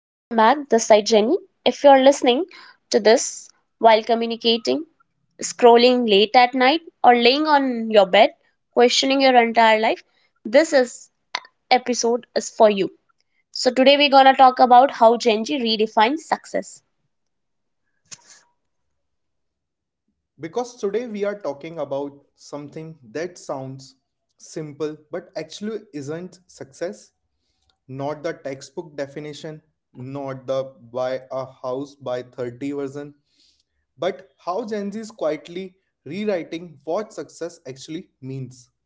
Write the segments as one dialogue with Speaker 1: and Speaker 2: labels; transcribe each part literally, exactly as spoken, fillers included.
Speaker 1: Welcome back. This side Jenny. If you're listening to this while communicating, scrolling late at night, or laying on your bed, questioning your entire life, this is episode is for you. So today we're gonna talk about how Gen Z redefines success.
Speaker 2: Because today we are talking about something that sounds simple but actually isn't success, not the textbook definition, not the buy a house by thirty version, but how Gen Z is quietly rewriting what success actually means.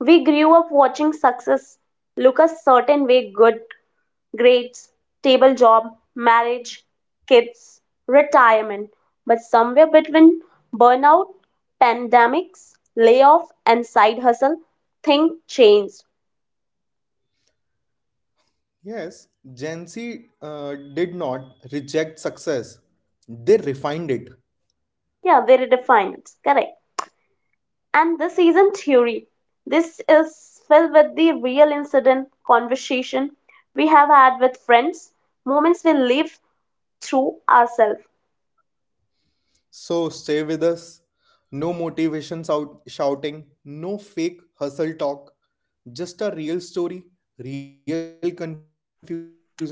Speaker 1: We grew up watching success look a certain way: good grades, stable job, marriage, kids, retirement. But somewhere between burnout, pandemics, layoff, and side hustle, things changed.
Speaker 2: Yes, Gen Z uh, did not reject success, they refined it.
Speaker 1: Yeah, they redefined it. Correct. And this isn't theory. This is filled with the real incident conversation we have had with friends, moments we live through ourselves.
Speaker 2: So stay with us. No motivations out shouting, no fake hustle talk, just a real story, real confusion, and real clarity.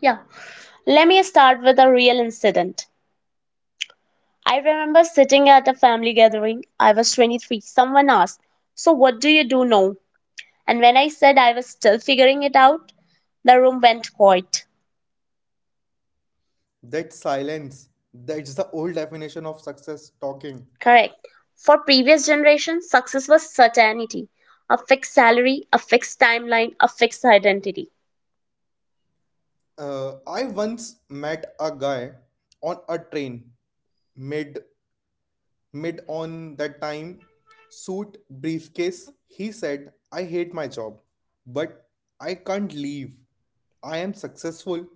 Speaker 1: Yeah. Let me start with a real incident. I remember sitting at a family gathering. I was twenty-three. Someone asked, "So what do you do now?" And when I said I was still figuring it out, the room went quiet.
Speaker 2: That silence, that's the old definition of success talking.
Speaker 1: Correct. For previous generations, success was certainty: a fixed salary, a fixed timeline, a fixed identity.
Speaker 2: Uh, I once met a guy on a train, mid mid on that time, suit briefcase. He said, "I hate my job, but I can't leave. I am successful."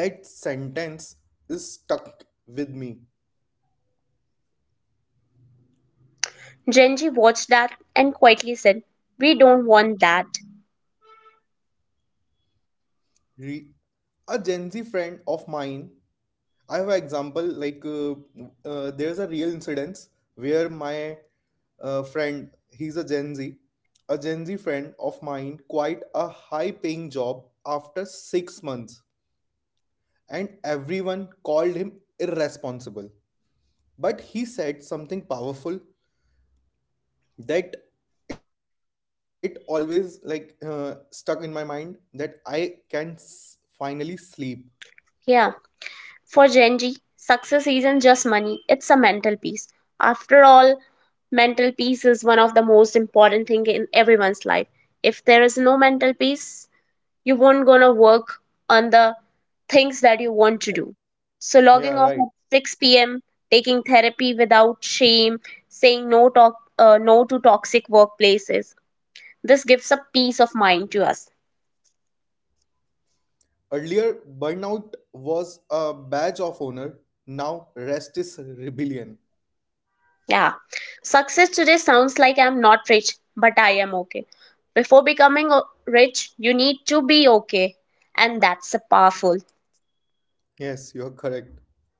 Speaker 2: That sentence is stuck with me.
Speaker 1: Genji watched that and quietly said, "We don't want that."
Speaker 2: Re- a Gen Z friend of mine, I have an example, like uh, uh, there's a real incident where my uh, friend, he's a Gen Z, a Gen Z friend of mine, quite a high paying job after six months, and everyone called him irresponsible. But he said something powerful, that it always like uh, stuck in my mind, that I can s- finally sleep.
Speaker 1: Yeah. For Gen G, success isn't just money, it's a mental peace. After all, mental peace is one of the most important thing in everyone's life. If there is no mental peace, you won't gonna work on the things that you want to do. So logging off
Speaker 2: Yeah,
Speaker 1: at
Speaker 2: right.
Speaker 1: six p m, taking therapy without shame, saying no talk, uh, no to toxic workplaces. This gives a peace of mind to us.
Speaker 2: Earlier, burnout was a badge of honor. Now, rest is rebellion.
Speaker 1: Yeah. Success today sounds like I'm not rich, but I am okay. Before becoming o- rich, you need to be okay. And that's a powerful.
Speaker 2: Yes, you're correct.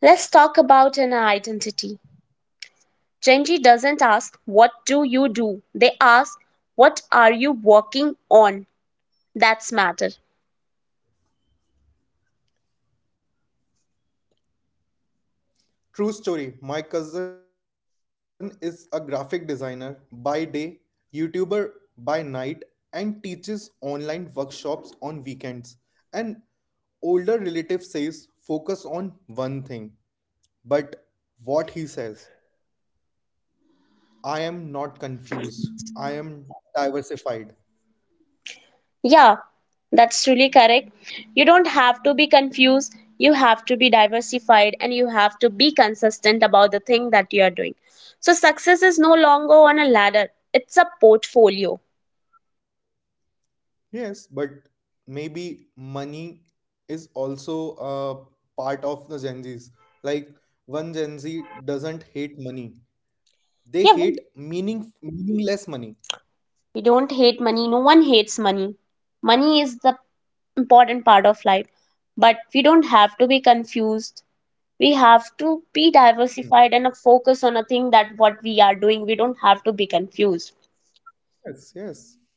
Speaker 1: Let's talk about an identity. Gen Z doesn't ask, "What do you do?" They ask, "What are you working on?" That's matter.
Speaker 2: True story. My cousin is a graphic designer by day, YouTuber by night, and teaches online workshops on weekends. An older relative says, focus on one thing. But what he says, I am not confused. I am diversified.
Speaker 1: Yeah, that's truly correct. You don't have to be confused, you have to be diversified, and you have to be consistent about the thing that you are doing. So, success is no longer on a ladder, it's a portfolio.
Speaker 2: Yes, but maybe money is also a part of the Gen Zs. Like one Gen Z doesn't hate money. They
Speaker 1: Yeah, right.
Speaker 2: hate meaning meaningless money.
Speaker 1: We don't hate money, no one hates money. Money is the important part of life, but we don't have to be confused. We have to be diversified and a
Speaker 2: Mm.
Speaker 1: focus on a thing that what we are doing. We don't have to be confused.
Speaker 2: Yes, yes.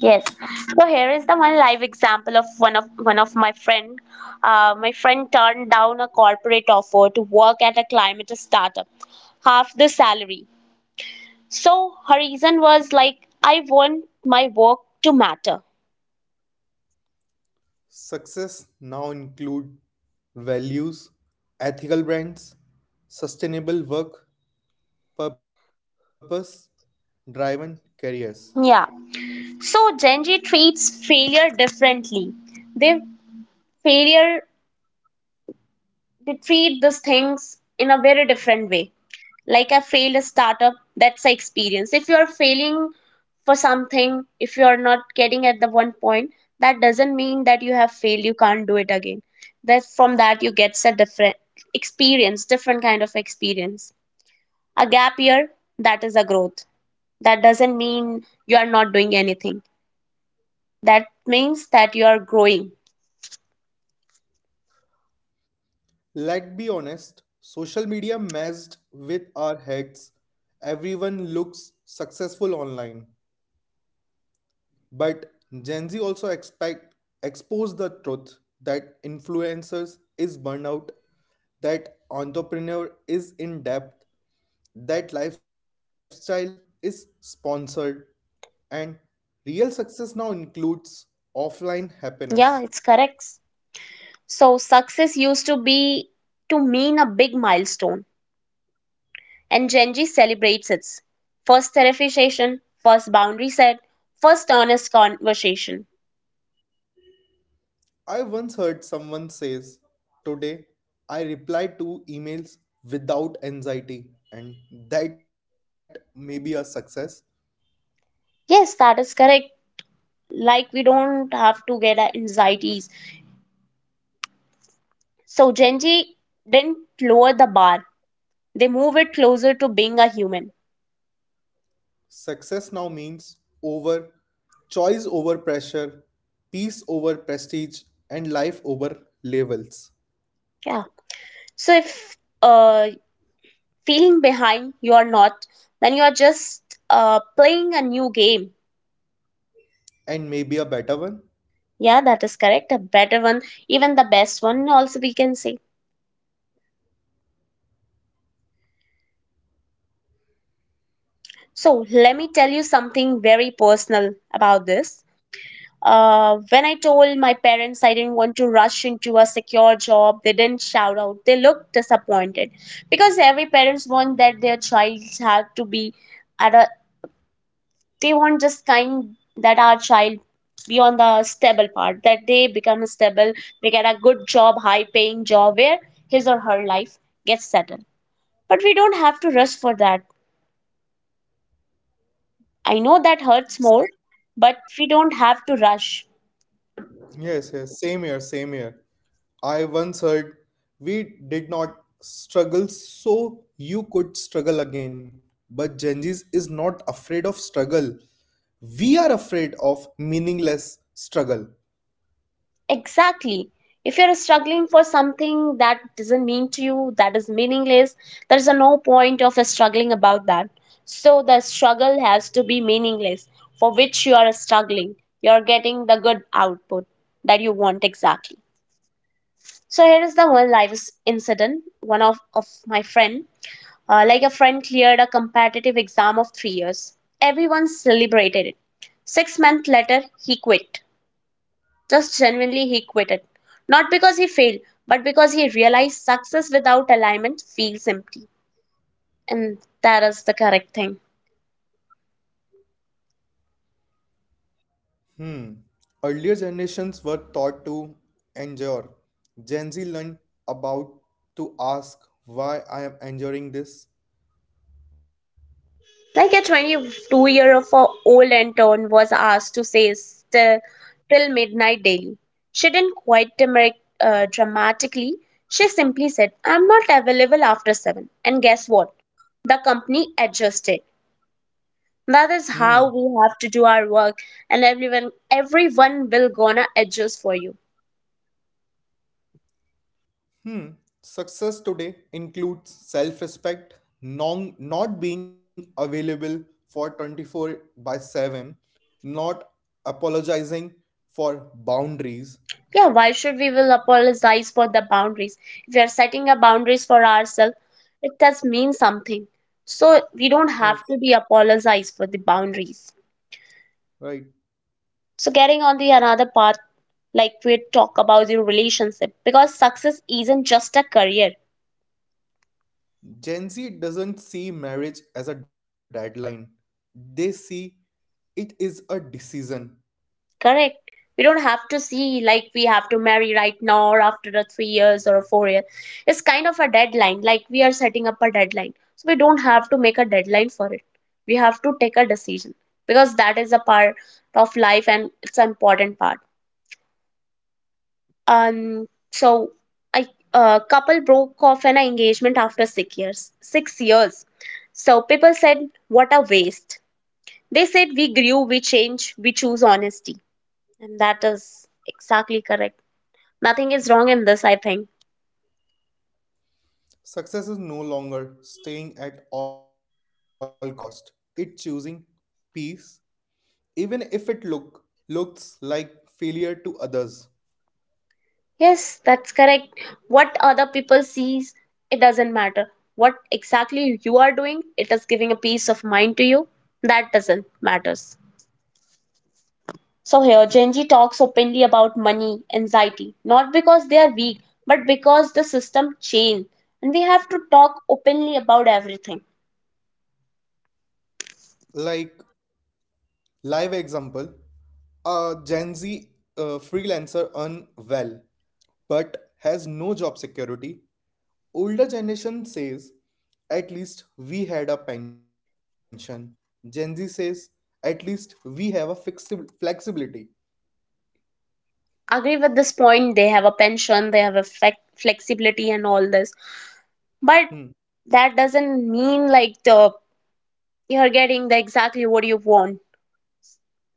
Speaker 1: Yes. So here is the one live example of one of one of my friend. Uh, my friend turned down a corporate offer to work at a climate startup, half the salary. So her reason was like, I want my work to matter.
Speaker 2: Success now include values, ethical brands, sustainable work, purpose driven careers.
Speaker 1: Yeah. So Gen Z treats failure differently. They failure they treat these things in a very different way. Like, I failed a startup, that's the experience. If you are failing for something, if you are not getting at the one point, that doesn't mean that you have failed, you can't do it again. That from that you get a different experience, different kind of experience. A gap year, that is a growth. That doesn't mean you are not doing anything. That means that you are growing.
Speaker 2: Let's be honest, social media messed with our heads. Everyone looks successful online, but Gen Z also expect expose the truth, that influencers is burnout, that entrepreneur is in debt, that lifestyle is sponsored, and real success now includes offline happiness.
Speaker 1: Yeah, it's correct. So success used to be to mean a big milestone, and Gen Z celebrates its first therapy session, first boundary set, first honest conversation.
Speaker 2: I once heard someone says, "Today I reply to emails without anxiety," and that may be a success.
Speaker 1: Yes, that is correct. Like we don't have to get our anxieties. So Gen Z didn't lower the bar; they move it closer to being a human.
Speaker 2: Success now means over choice over pressure, peace over prestige, and life over levels.
Speaker 1: Yeah. So if uh, feeling behind you are not, then you are just uh, playing a new game.
Speaker 2: And maybe a better one.
Speaker 1: Yeah, that is correct. A better one, even the best one, also we can say. So, let me tell you something very personal about this. Uh, when I told my parents I didn't want to rush into a secure job, they didn't shout out. They looked disappointed because every parents want that their child have to be at a. They want just kind that our child be on the stable part, that they become stable, they get a good job, high paying job where his or her life gets settled. But we don't have to rush for that. I know that hurts more, but we don't have to rush.
Speaker 2: Yes, yes, same here, same here. I once heard, we did not struggle so you could struggle again. But Genjis is not afraid of struggle. We are afraid of meaningless struggle.
Speaker 1: Exactly. If you're struggling for something that doesn't mean to you, that is meaningless, there's a no point of struggling about that. So the struggle has to be meaningless for which you are struggling. You're getting the good output that you want exactly. So here is the one life incident, one of, of my friend. Uh, like a friend cleared a competitive exam of three years. Everyone celebrated it. Six months later, he quit. Just genuinely, he quitted. Not because he failed, but because he realized success without alignment feels empty. And that is the correct thing.
Speaker 2: Hmm. Earlier generations were taught to endure. Gen Z learned about to ask, why I am enduring this.
Speaker 1: Like a twenty-two year of old intern was asked to stay still till midnight daily. She didn't quite demar- uh, dramatically. She simply said, "I'm not available after seven." And guess what? The company adjusted. That is how
Speaker 2: Hmm.
Speaker 1: we have to do our work, and everyone everyone will gonna adjust for you.
Speaker 2: Hmm. Success today includes self-respect, non, not being available for twenty four by seven, not apologizing for boundaries.
Speaker 1: Yeah, why should we will apologize for the boundaries? If we are setting a boundaries for ourselves, it does mean something. So we don't
Speaker 2: Yes.
Speaker 1: have to be apologized for the boundaries.
Speaker 2: Right.
Speaker 1: So getting on the another part, like we talk about the relationship, because success isn't just a career.
Speaker 2: Gen Z doesn't see marriage as a deadline. They see it is a decision.
Speaker 1: Correct. We don't have to see like we have to marry right now or after a three years or a four year. It's kind of a deadline. Like we are setting up a deadline. So we don't have to make a deadline for it. We have to take a decision because that is a part of life and it's an important part. Um, so I a couple broke off an engagement after six years. Six years. So people said, "What a waste." They said, "We grew, we change, we choose honesty," and that is exactly correct. Nothing is wrong in this, I think.
Speaker 2: Success is no longer staying at all cost. It choosing peace even if it look looks like failure to others.
Speaker 1: Yes, that's correct. What other people sees, it doesn't matter. What exactly you are doing, it is giving a peace of mind to you. That doesn't matters. So here, Gen Z talks openly about money, anxiety, not because they are weak, but because the system changed, and we have to talk openly about everything.
Speaker 2: Like live example, a Gen Z uh, freelancer earn well but has no job security. Older generation says, at least we had a pension. Gen Z says, at least we have a fixed flexibility.
Speaker 1: Agree with this point. They have a pension, they have a flex- flexibility, and all this, but
Speaker 2: Hmm.
Speaker 1: that doesn't mean like the you're getting the exactly what you want.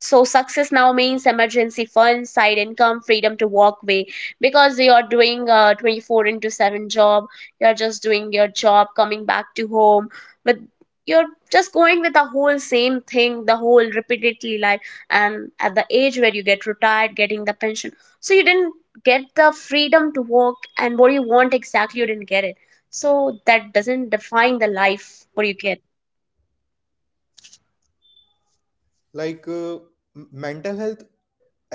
Speaker 1: So success now means emergency fund, side income, freedom to walk away, because you're doing a twenty-four into seven job, you're just doing your job coming back to home, but you're just going with the whole same thing, the whole repeatedly life. And at the age where you get retired getting the pension, so you didn't get the freedom to work and what you want exactly, you didn't get it. So that doesn't define the life what you get.
Speaker 2: Like uh, m- mental health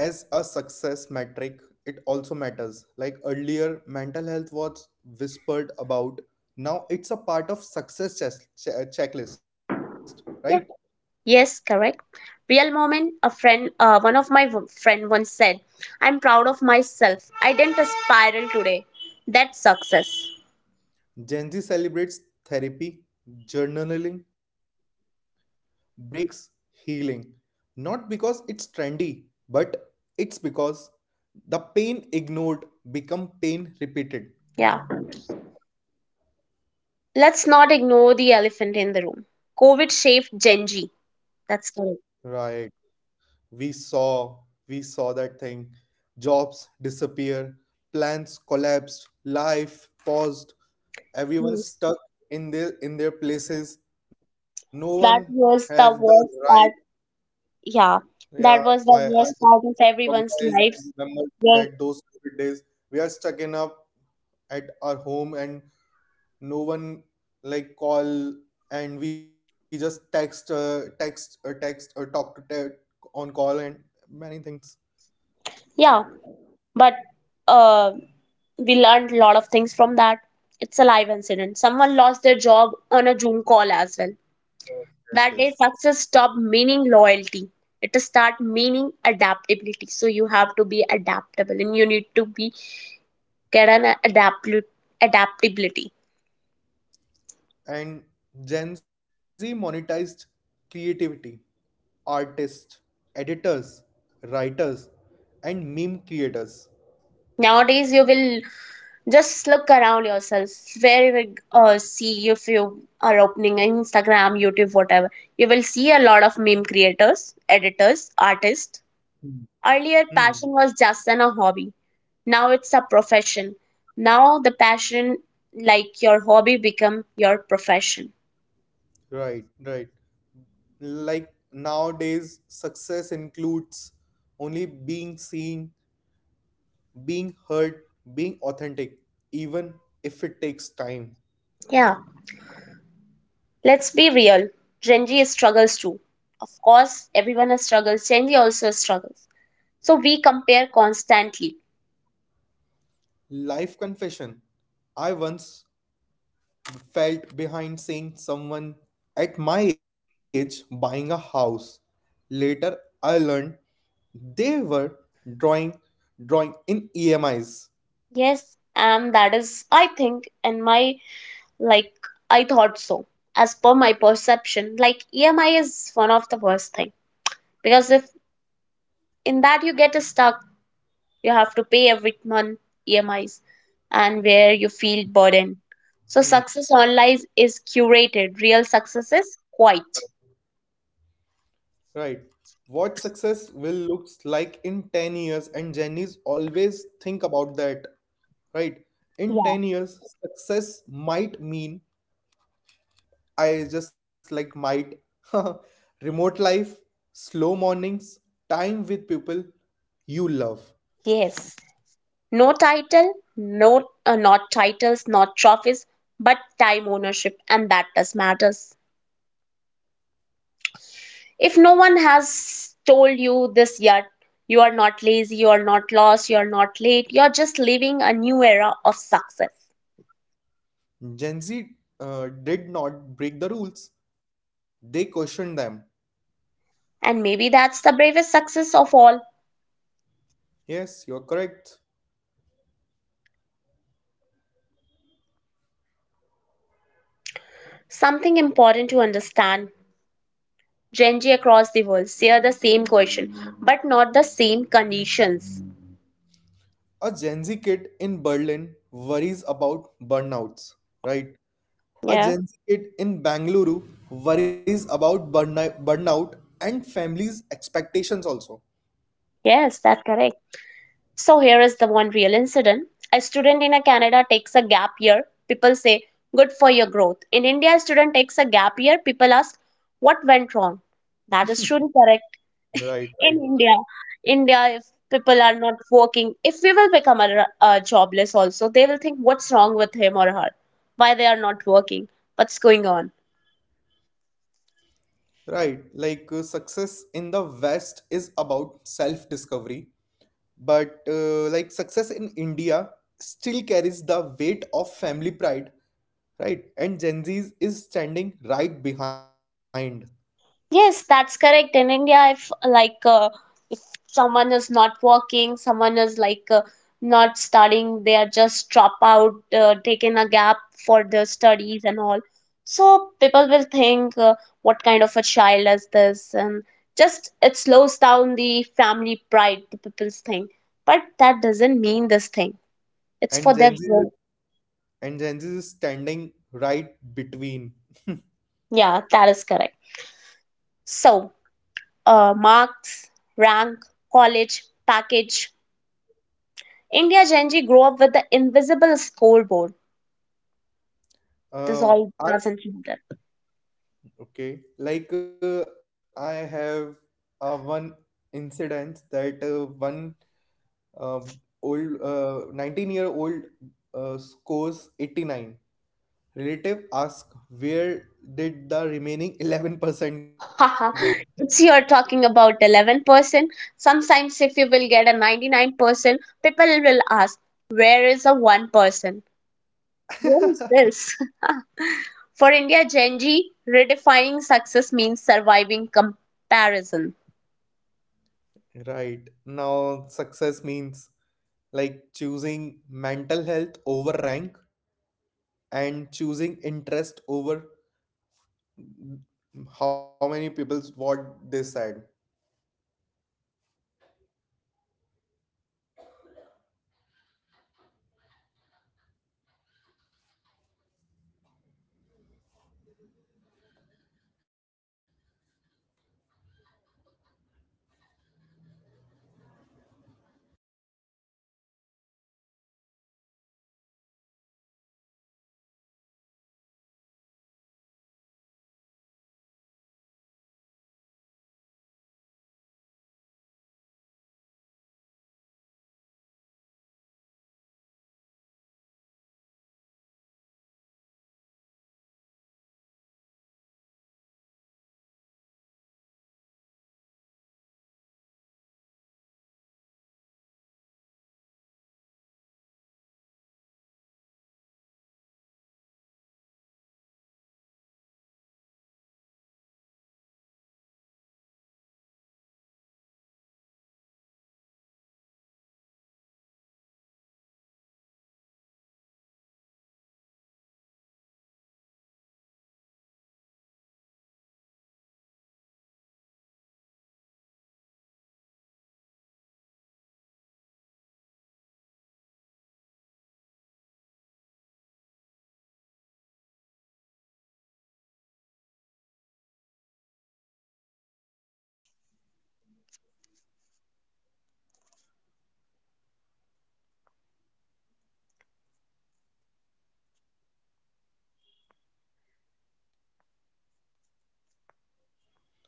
Speaker 2: as a success metric, it also matters. Like earlier, mental health was whispered about. Now it's a part of success chess- che- checklist, right?
Speaker 1: Yeah. Yes, correct. Real moment. A friend, uh, one of my w- friend once said, "I'm proud of myself. I didn't spiral today. That's success."
Speaker 2: Gen Z celebrates therapy, journaling, breaks healing. Not because it's trendy, but it's because the pain ignored become pain repeated.
Speaker 1: Yeah. Let's not ignore the elephant in the room. COVID shaped Gen Z. That's correct.
Speaker 2: Right. We saw we saw that thing. Jobs disappear, plans collapsed, life paused, everyone
Speaker 1: Yes.
Speaker 2: stuck in their in their places. No one
Speaker 1: That
Speaker 2: have the
Speaker 1: was the
Speaker 2: right.
Speaker 1: worst part. Yeah.
Speaker 2: Yeah,
Speaker 1: That
Speaker 2: I,
Speaker 1: was
Speaker 2: I
Speaker 1: the
Speaker 2: just
Speaker 1: worst part of
Speaker 2: recognize
Speaker 1: everyone's
Speaker 2: and
Speaker 1: lives.
Speaker 2: remember
Speaker 1: Where-
Speaker 2: that those COVID days we are stuck in our at our home, and no one like call, and we just text uh, text uh, text or talk to te- on call and many things.
Speaker 1: Yeah. But uh, we learned a lot of things from that. It's a live incident. Someone lost their job on a Zoom call as well.
Speaker 2: Yes, yes.
Speaker 1: That day success stop meaning loyalty, it start meaning adaptability. So you have to be adaptable and you need to be get an adaptable adaptability.
Speaker 2: And Gen Z monetized creativity, artists, editors, writers, and meme creators.
Speaker 1: Nowadays you will just look around yourself, where you will uh, see, if you are opening Instagram, YouTube, whatever, you will see a lot of meme creators, editors, artists.
Speaker 2: Hmm.
Speaker 1: Earlier,
Speaker 2: Hmm.
Speaker 1: passion was just an, a hobby. Now it's a profession. Now the passion, like your hobby, become your profession.
Speaker 2: Right, right. Like nowadays, success includes only being seen, being heard, being authentic, even if it takes time.
Speaker 1: Yeah, let's be real. Gen Z struggles too. Of course, everyone has struggles. Gen Z also struggles. So we compare constantly.
Speaker 2: Life confession. I once felt behind seeing someone at my age buying a house. Later, I learned they were drawing drawing in E M Is.
Speaker 1: Yes, and that is, I think, in my like, I thought so. As per my perception, like E M I is one of the worst thing because if in that you get stuck, you have to pay every month E M Is and where you feel burdened. So success
Speaker 2: Hmm.
Speaker 1: online is curated. Real success is quiet.
Speaker 2: Right. What success will looks like in ten years, and Jenny's always think about that. Right. In
Speaker 1: Yeah.
Speaker 2: ten years, success might mean I just like might remote life, slow mornings, time with people you love.
Speaker 1: Yes. No title, no uh, not titles, not trophies, but time ownership, and that does matters. If no one has told you this yet, you are not lazy, you are not lost, you are not late, you are just living a new era of success.
Speaker 2: Gen Z uh, did not break the rules, they questioned them.
Speaker 1: And maybe that's the bravest success of all.
Speaker 2: Yes, you're correct.
Speaker 1: Something important to understand: Genji across the world share the same question, but not the same conditions.
Speaker 2: A Gen Z kid in Berlin worries about burnouts, right? A
Speaker 1: Yeah,
Speaker 2: Gen Z kid in Bangalore worries about burni- burnout and family's expectations also.
Speaker 1: yes, that's correct. So here is the one real incident. A student in a Canada takes a gap year. People say, good for your growth. In India, a student takes a gap year. People ask, what went wrong? That is true and correct.
Speaker 2: Right,
Speaker 1: In
Speaker 2: right.
Speaker 1: India, India, if people are not working, if we will become a, a jobless also, they will think, what's wrong with him or her? Why they are not working? What's going on?
Speaker 2: Right, like uh, success in the West is about self discovery, but uh, like success in India still carries the weight of family pride, right? And Gen Z is standing right behind,
Speaker 1: Yes, that's correct. In India, if like uh, if someone is not working, someone is like uh, not studying, they are just drop out, uh, taking a gap for their studies and all. So people will think, uh, what kind of a child is this? And just it slows down the family pride, the people's thing. But that doesn't mean this thing. It's
Speaker 2: and
Speaker 1: for their
Speaker 2: Gen Z
Speaker 1: growth.
Speaker 2: and Gen Z is standing right between.
Speaker 1: Yeah, that is correct. So, uh, marks, rank, college, package India Gen Z grew up with the invisible scoreboard. This
Speaker 2: Uh,
Speaker 1: all
Speaker 2: I
Speaker 1: doesn't matter.
Speaker 2: Okay, like uh, I have uh, one incident that uh, one Um old uh, nineteen year old uh, scores eighty nine. Relative ask, where did the remaining eleven percent go?
Speaker 1: Haha, it's you're talking about eleven percent. Sometimes, if you will get a ninety-nine percent, people will ask, where is the one percent? Where is this? For India, Gen Z, redefining success means surviving comparison.
Speaker 2: Right. Now, success means like choosing mental health over rank and choosing interest over how many people what they said.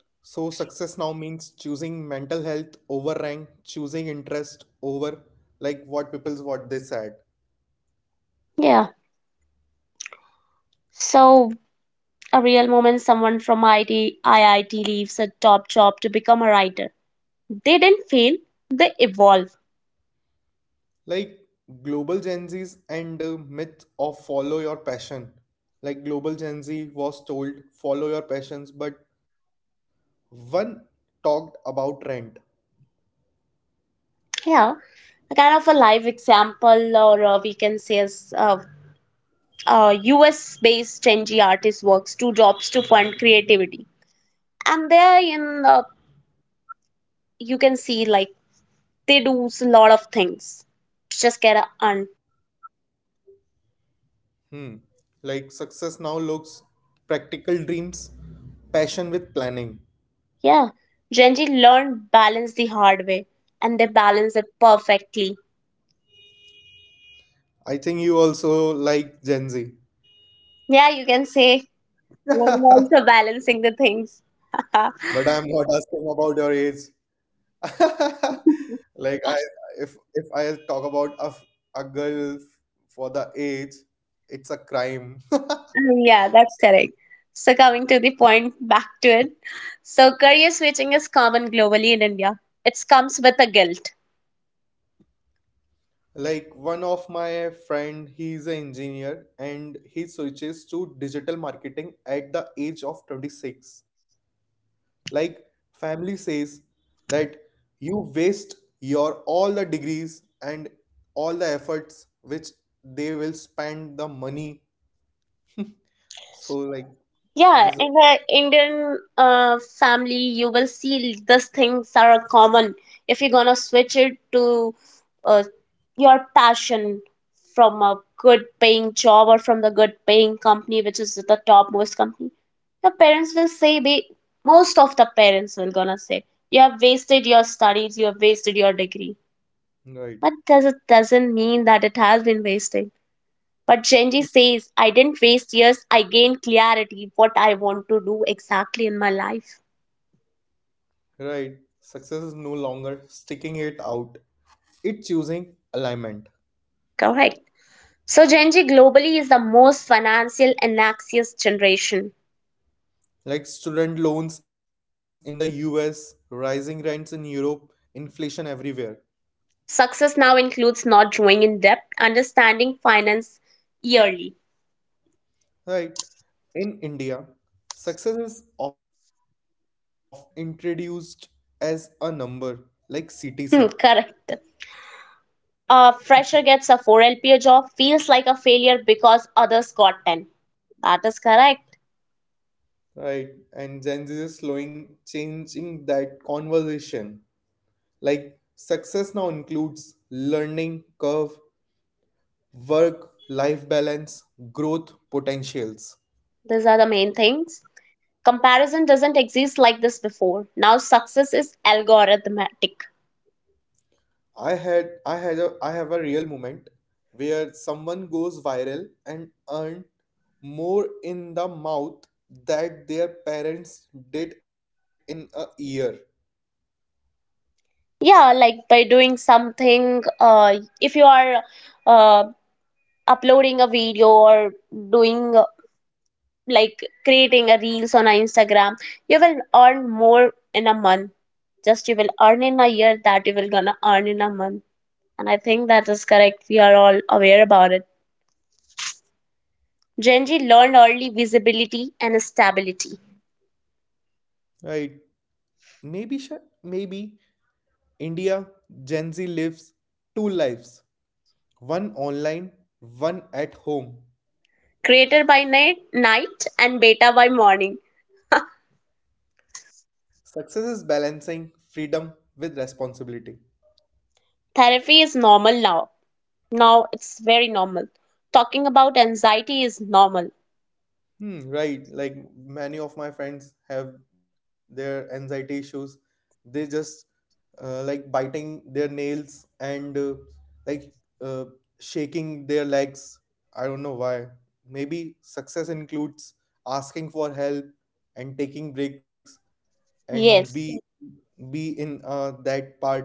Speaker 2: So, success now means choosing mental health over rank, choosing interest over like what people's what they said.
Speaker 1: Yeah. So, a real moment someone from I T, I I T leaves a top job to become a writer. They didn't fail, they evolve.
Speaker 2: Like global Gen Z's and the myth of follow your passion. Like global Gen Z was told follow your passions, but one talked about rent.
Speaker 1: Yeah. A kind of a live example, or uh, we can say as uh, uh, U S based Gen Z artist works two jobs to fund creativity. And there, in uh, you can see like they do a lot of things to just get a earn.
Speaker 2: Hmm. Like success now looks practical dreams, passion with planning.
Speaker 1: Yeah. Gen Z learned balance the hard way and they balance it perfectly.
Speaker 2: I think you also like Gen Z.
Speaker 1: Yeah, you can say I'm also balancing the things.
Speaker 2: But I'm not asking about your age. Like I, if if I talk about a, f- a girl for the age, it's a crime.
Speaker 1: Um, yeah, that's correct. So, coming to the point, back to it. So, career switching is common globally in India. It comes with a guilt.
Speaker 2: Like one of my friend, he's an engineer and he switches to digital marketing at the age of twenty six. Like family says that you waste your all the degrees and all the efforts which they will spend the money. So like
Speaker 1: Yeah, in
Speaker 2: this is
Speaker 1: the Indian uh, family, you will see these things are common. If you're gonna switch it to uh, your passion from a good paying job or from the good paying company, which is the topmost company, the parents will say, be, most of the parents will gonna say, you have wasted your studies, you have wasted your degree.
Speaker 2: right.
Speaker 1: But does it doesn't mean that it has been wasted but Genji says, I didn't waste years, I gained clarity what I want to do exactly in my life.
Speaker 2: Right. Success is no longer sticking it out. It's choosing alignment.
Speaker 1: Correct. So Genji globally is the most financial and anxious generation.
Speaker 2: Like student loans in the U S, rising rents in Europe, inflation everywhere.
Speaker 1: Success now includes not drawing in debt, understanding finance yearly.
Speaker 2: Right. In India, success is often introduced as a number like C T C.
Speaker 1: Hmm, Correct. A fresher gets a four L P A job, feels like a failure because others got ten. That is correct.
Speaker 2: Right. And Gen Z is slowing changing that conversation. Like success now includes learning curve, work life balance, growth potentials.
Speaker 1: These are the main things. Comparison doesn't exist like this before. Now success is algorithmic.
Speaker 2: i had i had a I have a real moment where someone goes viral and earn more in the mouth that their parents did in a year.
Speaker 1: Yeah, like by doing something, uh, if you are uh, uploading a video or doing uh, like creating a reels on a Instagram, you will earn more in a month. Just you will earn in a year that you will gonna earn in a month. And I think that is correct. We are all aware about it. Gen Z learned early visibility and stability.
Speaker 2: Right. maybe sh- Maybe India Gen Z lives two lives, one online, one at home.
Speaker 1: Creator by night, night and beta by morning.
Speaker 2: Success is balancing freedom with responsibility.
Speaker 1: Therapy is normal now. Now it's very normal. Talking about anxiety is normal.
Speaker 2: Hmm, right. Like many of my friends have their anxiety issues. They just uh, like biting their nails and uh, like uh, shaking their legs. I don't know why. Maybe success includes asking for help and taking breaks and be
Speaker 1: Yes.
Speaker 2: be in uh, that part.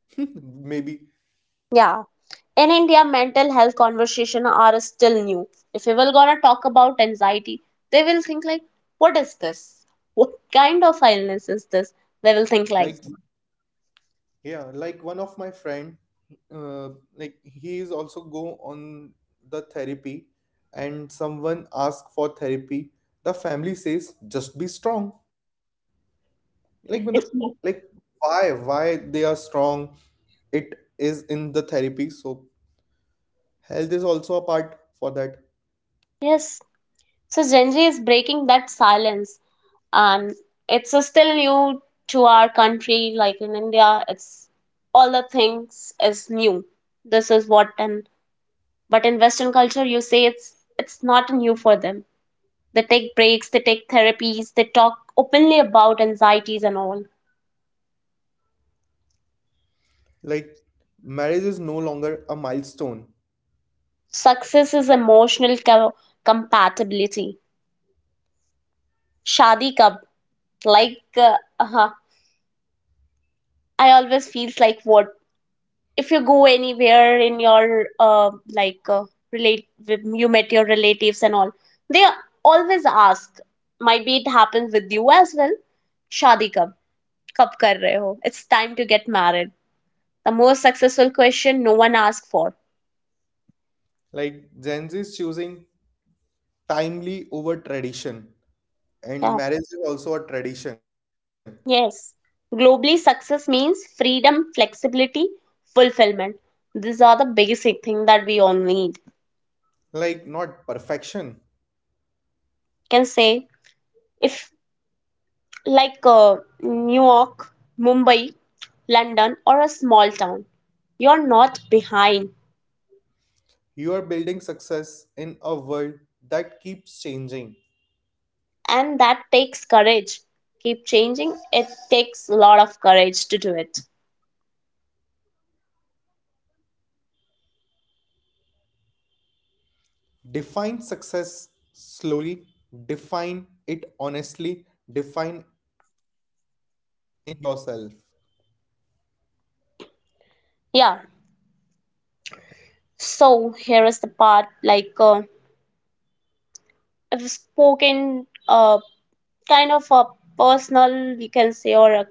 Speaker 2: Maybe
Speaker 1: Yeah. In India, mental health conversation are still new. If we will gonna talk about anxiety, they will think like, what is this? What kind of illness is this? They
Speaker 2: like,
Speaker 1: will think like,
Speaker 2: yeah, like one of my friend uh, like he is also go on the therapy, and someone ask for therapy, the family says just be strong. Like when the,
Speaker 1: if
Speaker 2: like why why they are strong. It is in the therapy. So health is also a part for that.
Speaker 1: yes. So Gen Z is breaking that silence, and it's uh, still new to our country. Like in India, it's all the things is new. This is what an but in Western culture, you say it's it's not new for them. They take breaks, they take therapies, they talk openly about anxieties and all.
Speaker 2: Like marriage is no longer a milestone.
Speaker 1: Success is emotional co- compatibility. Shadi kab, like uh, uh, I always feels like what if you go anywhere in your uh, like uh, relate with- you met your relatives and all, they always ask. Might be it happens with you as well. Shadi kab, kab kar rahe ho? It's time to get married. The most successful question no one asks for.
Speaker 2: Like Gen Z is choosing timely over tradition, and
Speaker 1: Yeah.
Speaker 2: marriage is also a tradition.
Speaker 1: Yes. Globally, success means freedom, flexibility, fulfillment. These are the basic thing that we all need.
Speaker 2: Like not perfection.
Speaker 1: Can say if like uh, New York, Mumbai, London, or a small town, you're not behind,
Speaker 2: You are building success in a world that keeps changing.
Speaker 1: and that takes courage. Keep changing. It takes a lot of courage to do it.
Speaker 2: Define success slowly, define it honestly, define in yourself.
Speaker 1: Yeah. So here is the part like uh, I've spoken uh, kind of a personal, you can say, or a,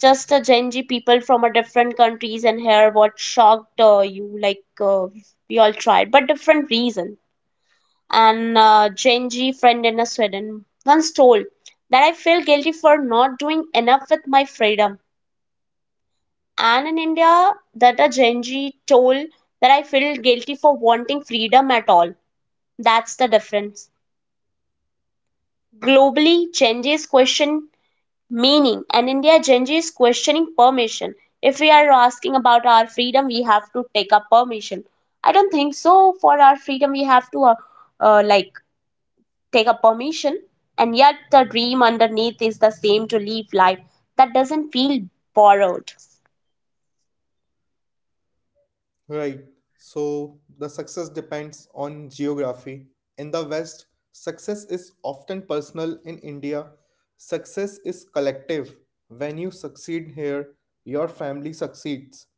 Speaker 1: just a Gen Z people from a different countries and hear what shocked uh, you, like uh, we all tried, but different reason. And uh, Gen Z friend in a Sweden once told that I feel guilty for not doing enough with my freedom. And in India, that a Gen Z told that I feel guilty for wanting freedom at all. That's the difference. Globally, Gen Z's question meaning, and India Gen Z is questioning permission. If we are asking about our freedom, we have to take up permission. I don't think so. For our freedom we have to uh, uh, like take up permission, and yet the dream underneath is the same, to live life that doesn't feel borrowed.
Speaker 2: Right. So the success depends on geography. In the West, success is often personal. In India, success is collective. When you succeed here, your family succeeds.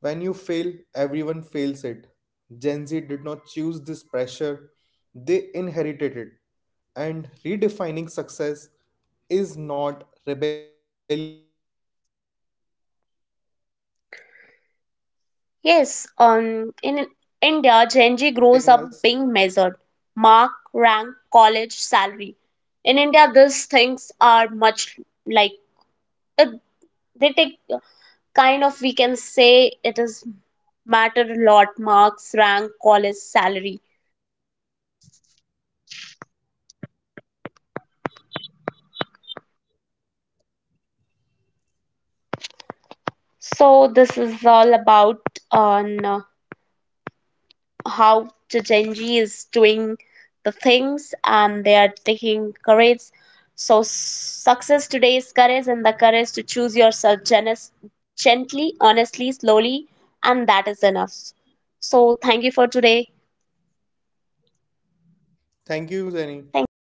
Speaker 2: When you fail, everyone fails it. Gen Z did not choose this pressure, they inherited it. And redefining success is not rebellion, it's survival. So, Jenny, thank you for this, for
Speaker 1: Yes.
Speaker 2: connecting
Speaker 1: um
Speaker 2: us.
Speaker 1: in India Gen Z grows up being measured, mark, rank, college, salary. In india these things are much, like uh, they take, kind of we can say it is, matter a lot, marks, rank, college, salary. So this is all about on uh, how the Gen Z is doing the things, and they are taking courage. So success today is courage, and the courage to choose yourself, genes- gently, honestly, slowly, and that is enough. So thank you for today.
Speaker 2: Thank you, Jenny.
Speaker 1: Thank you.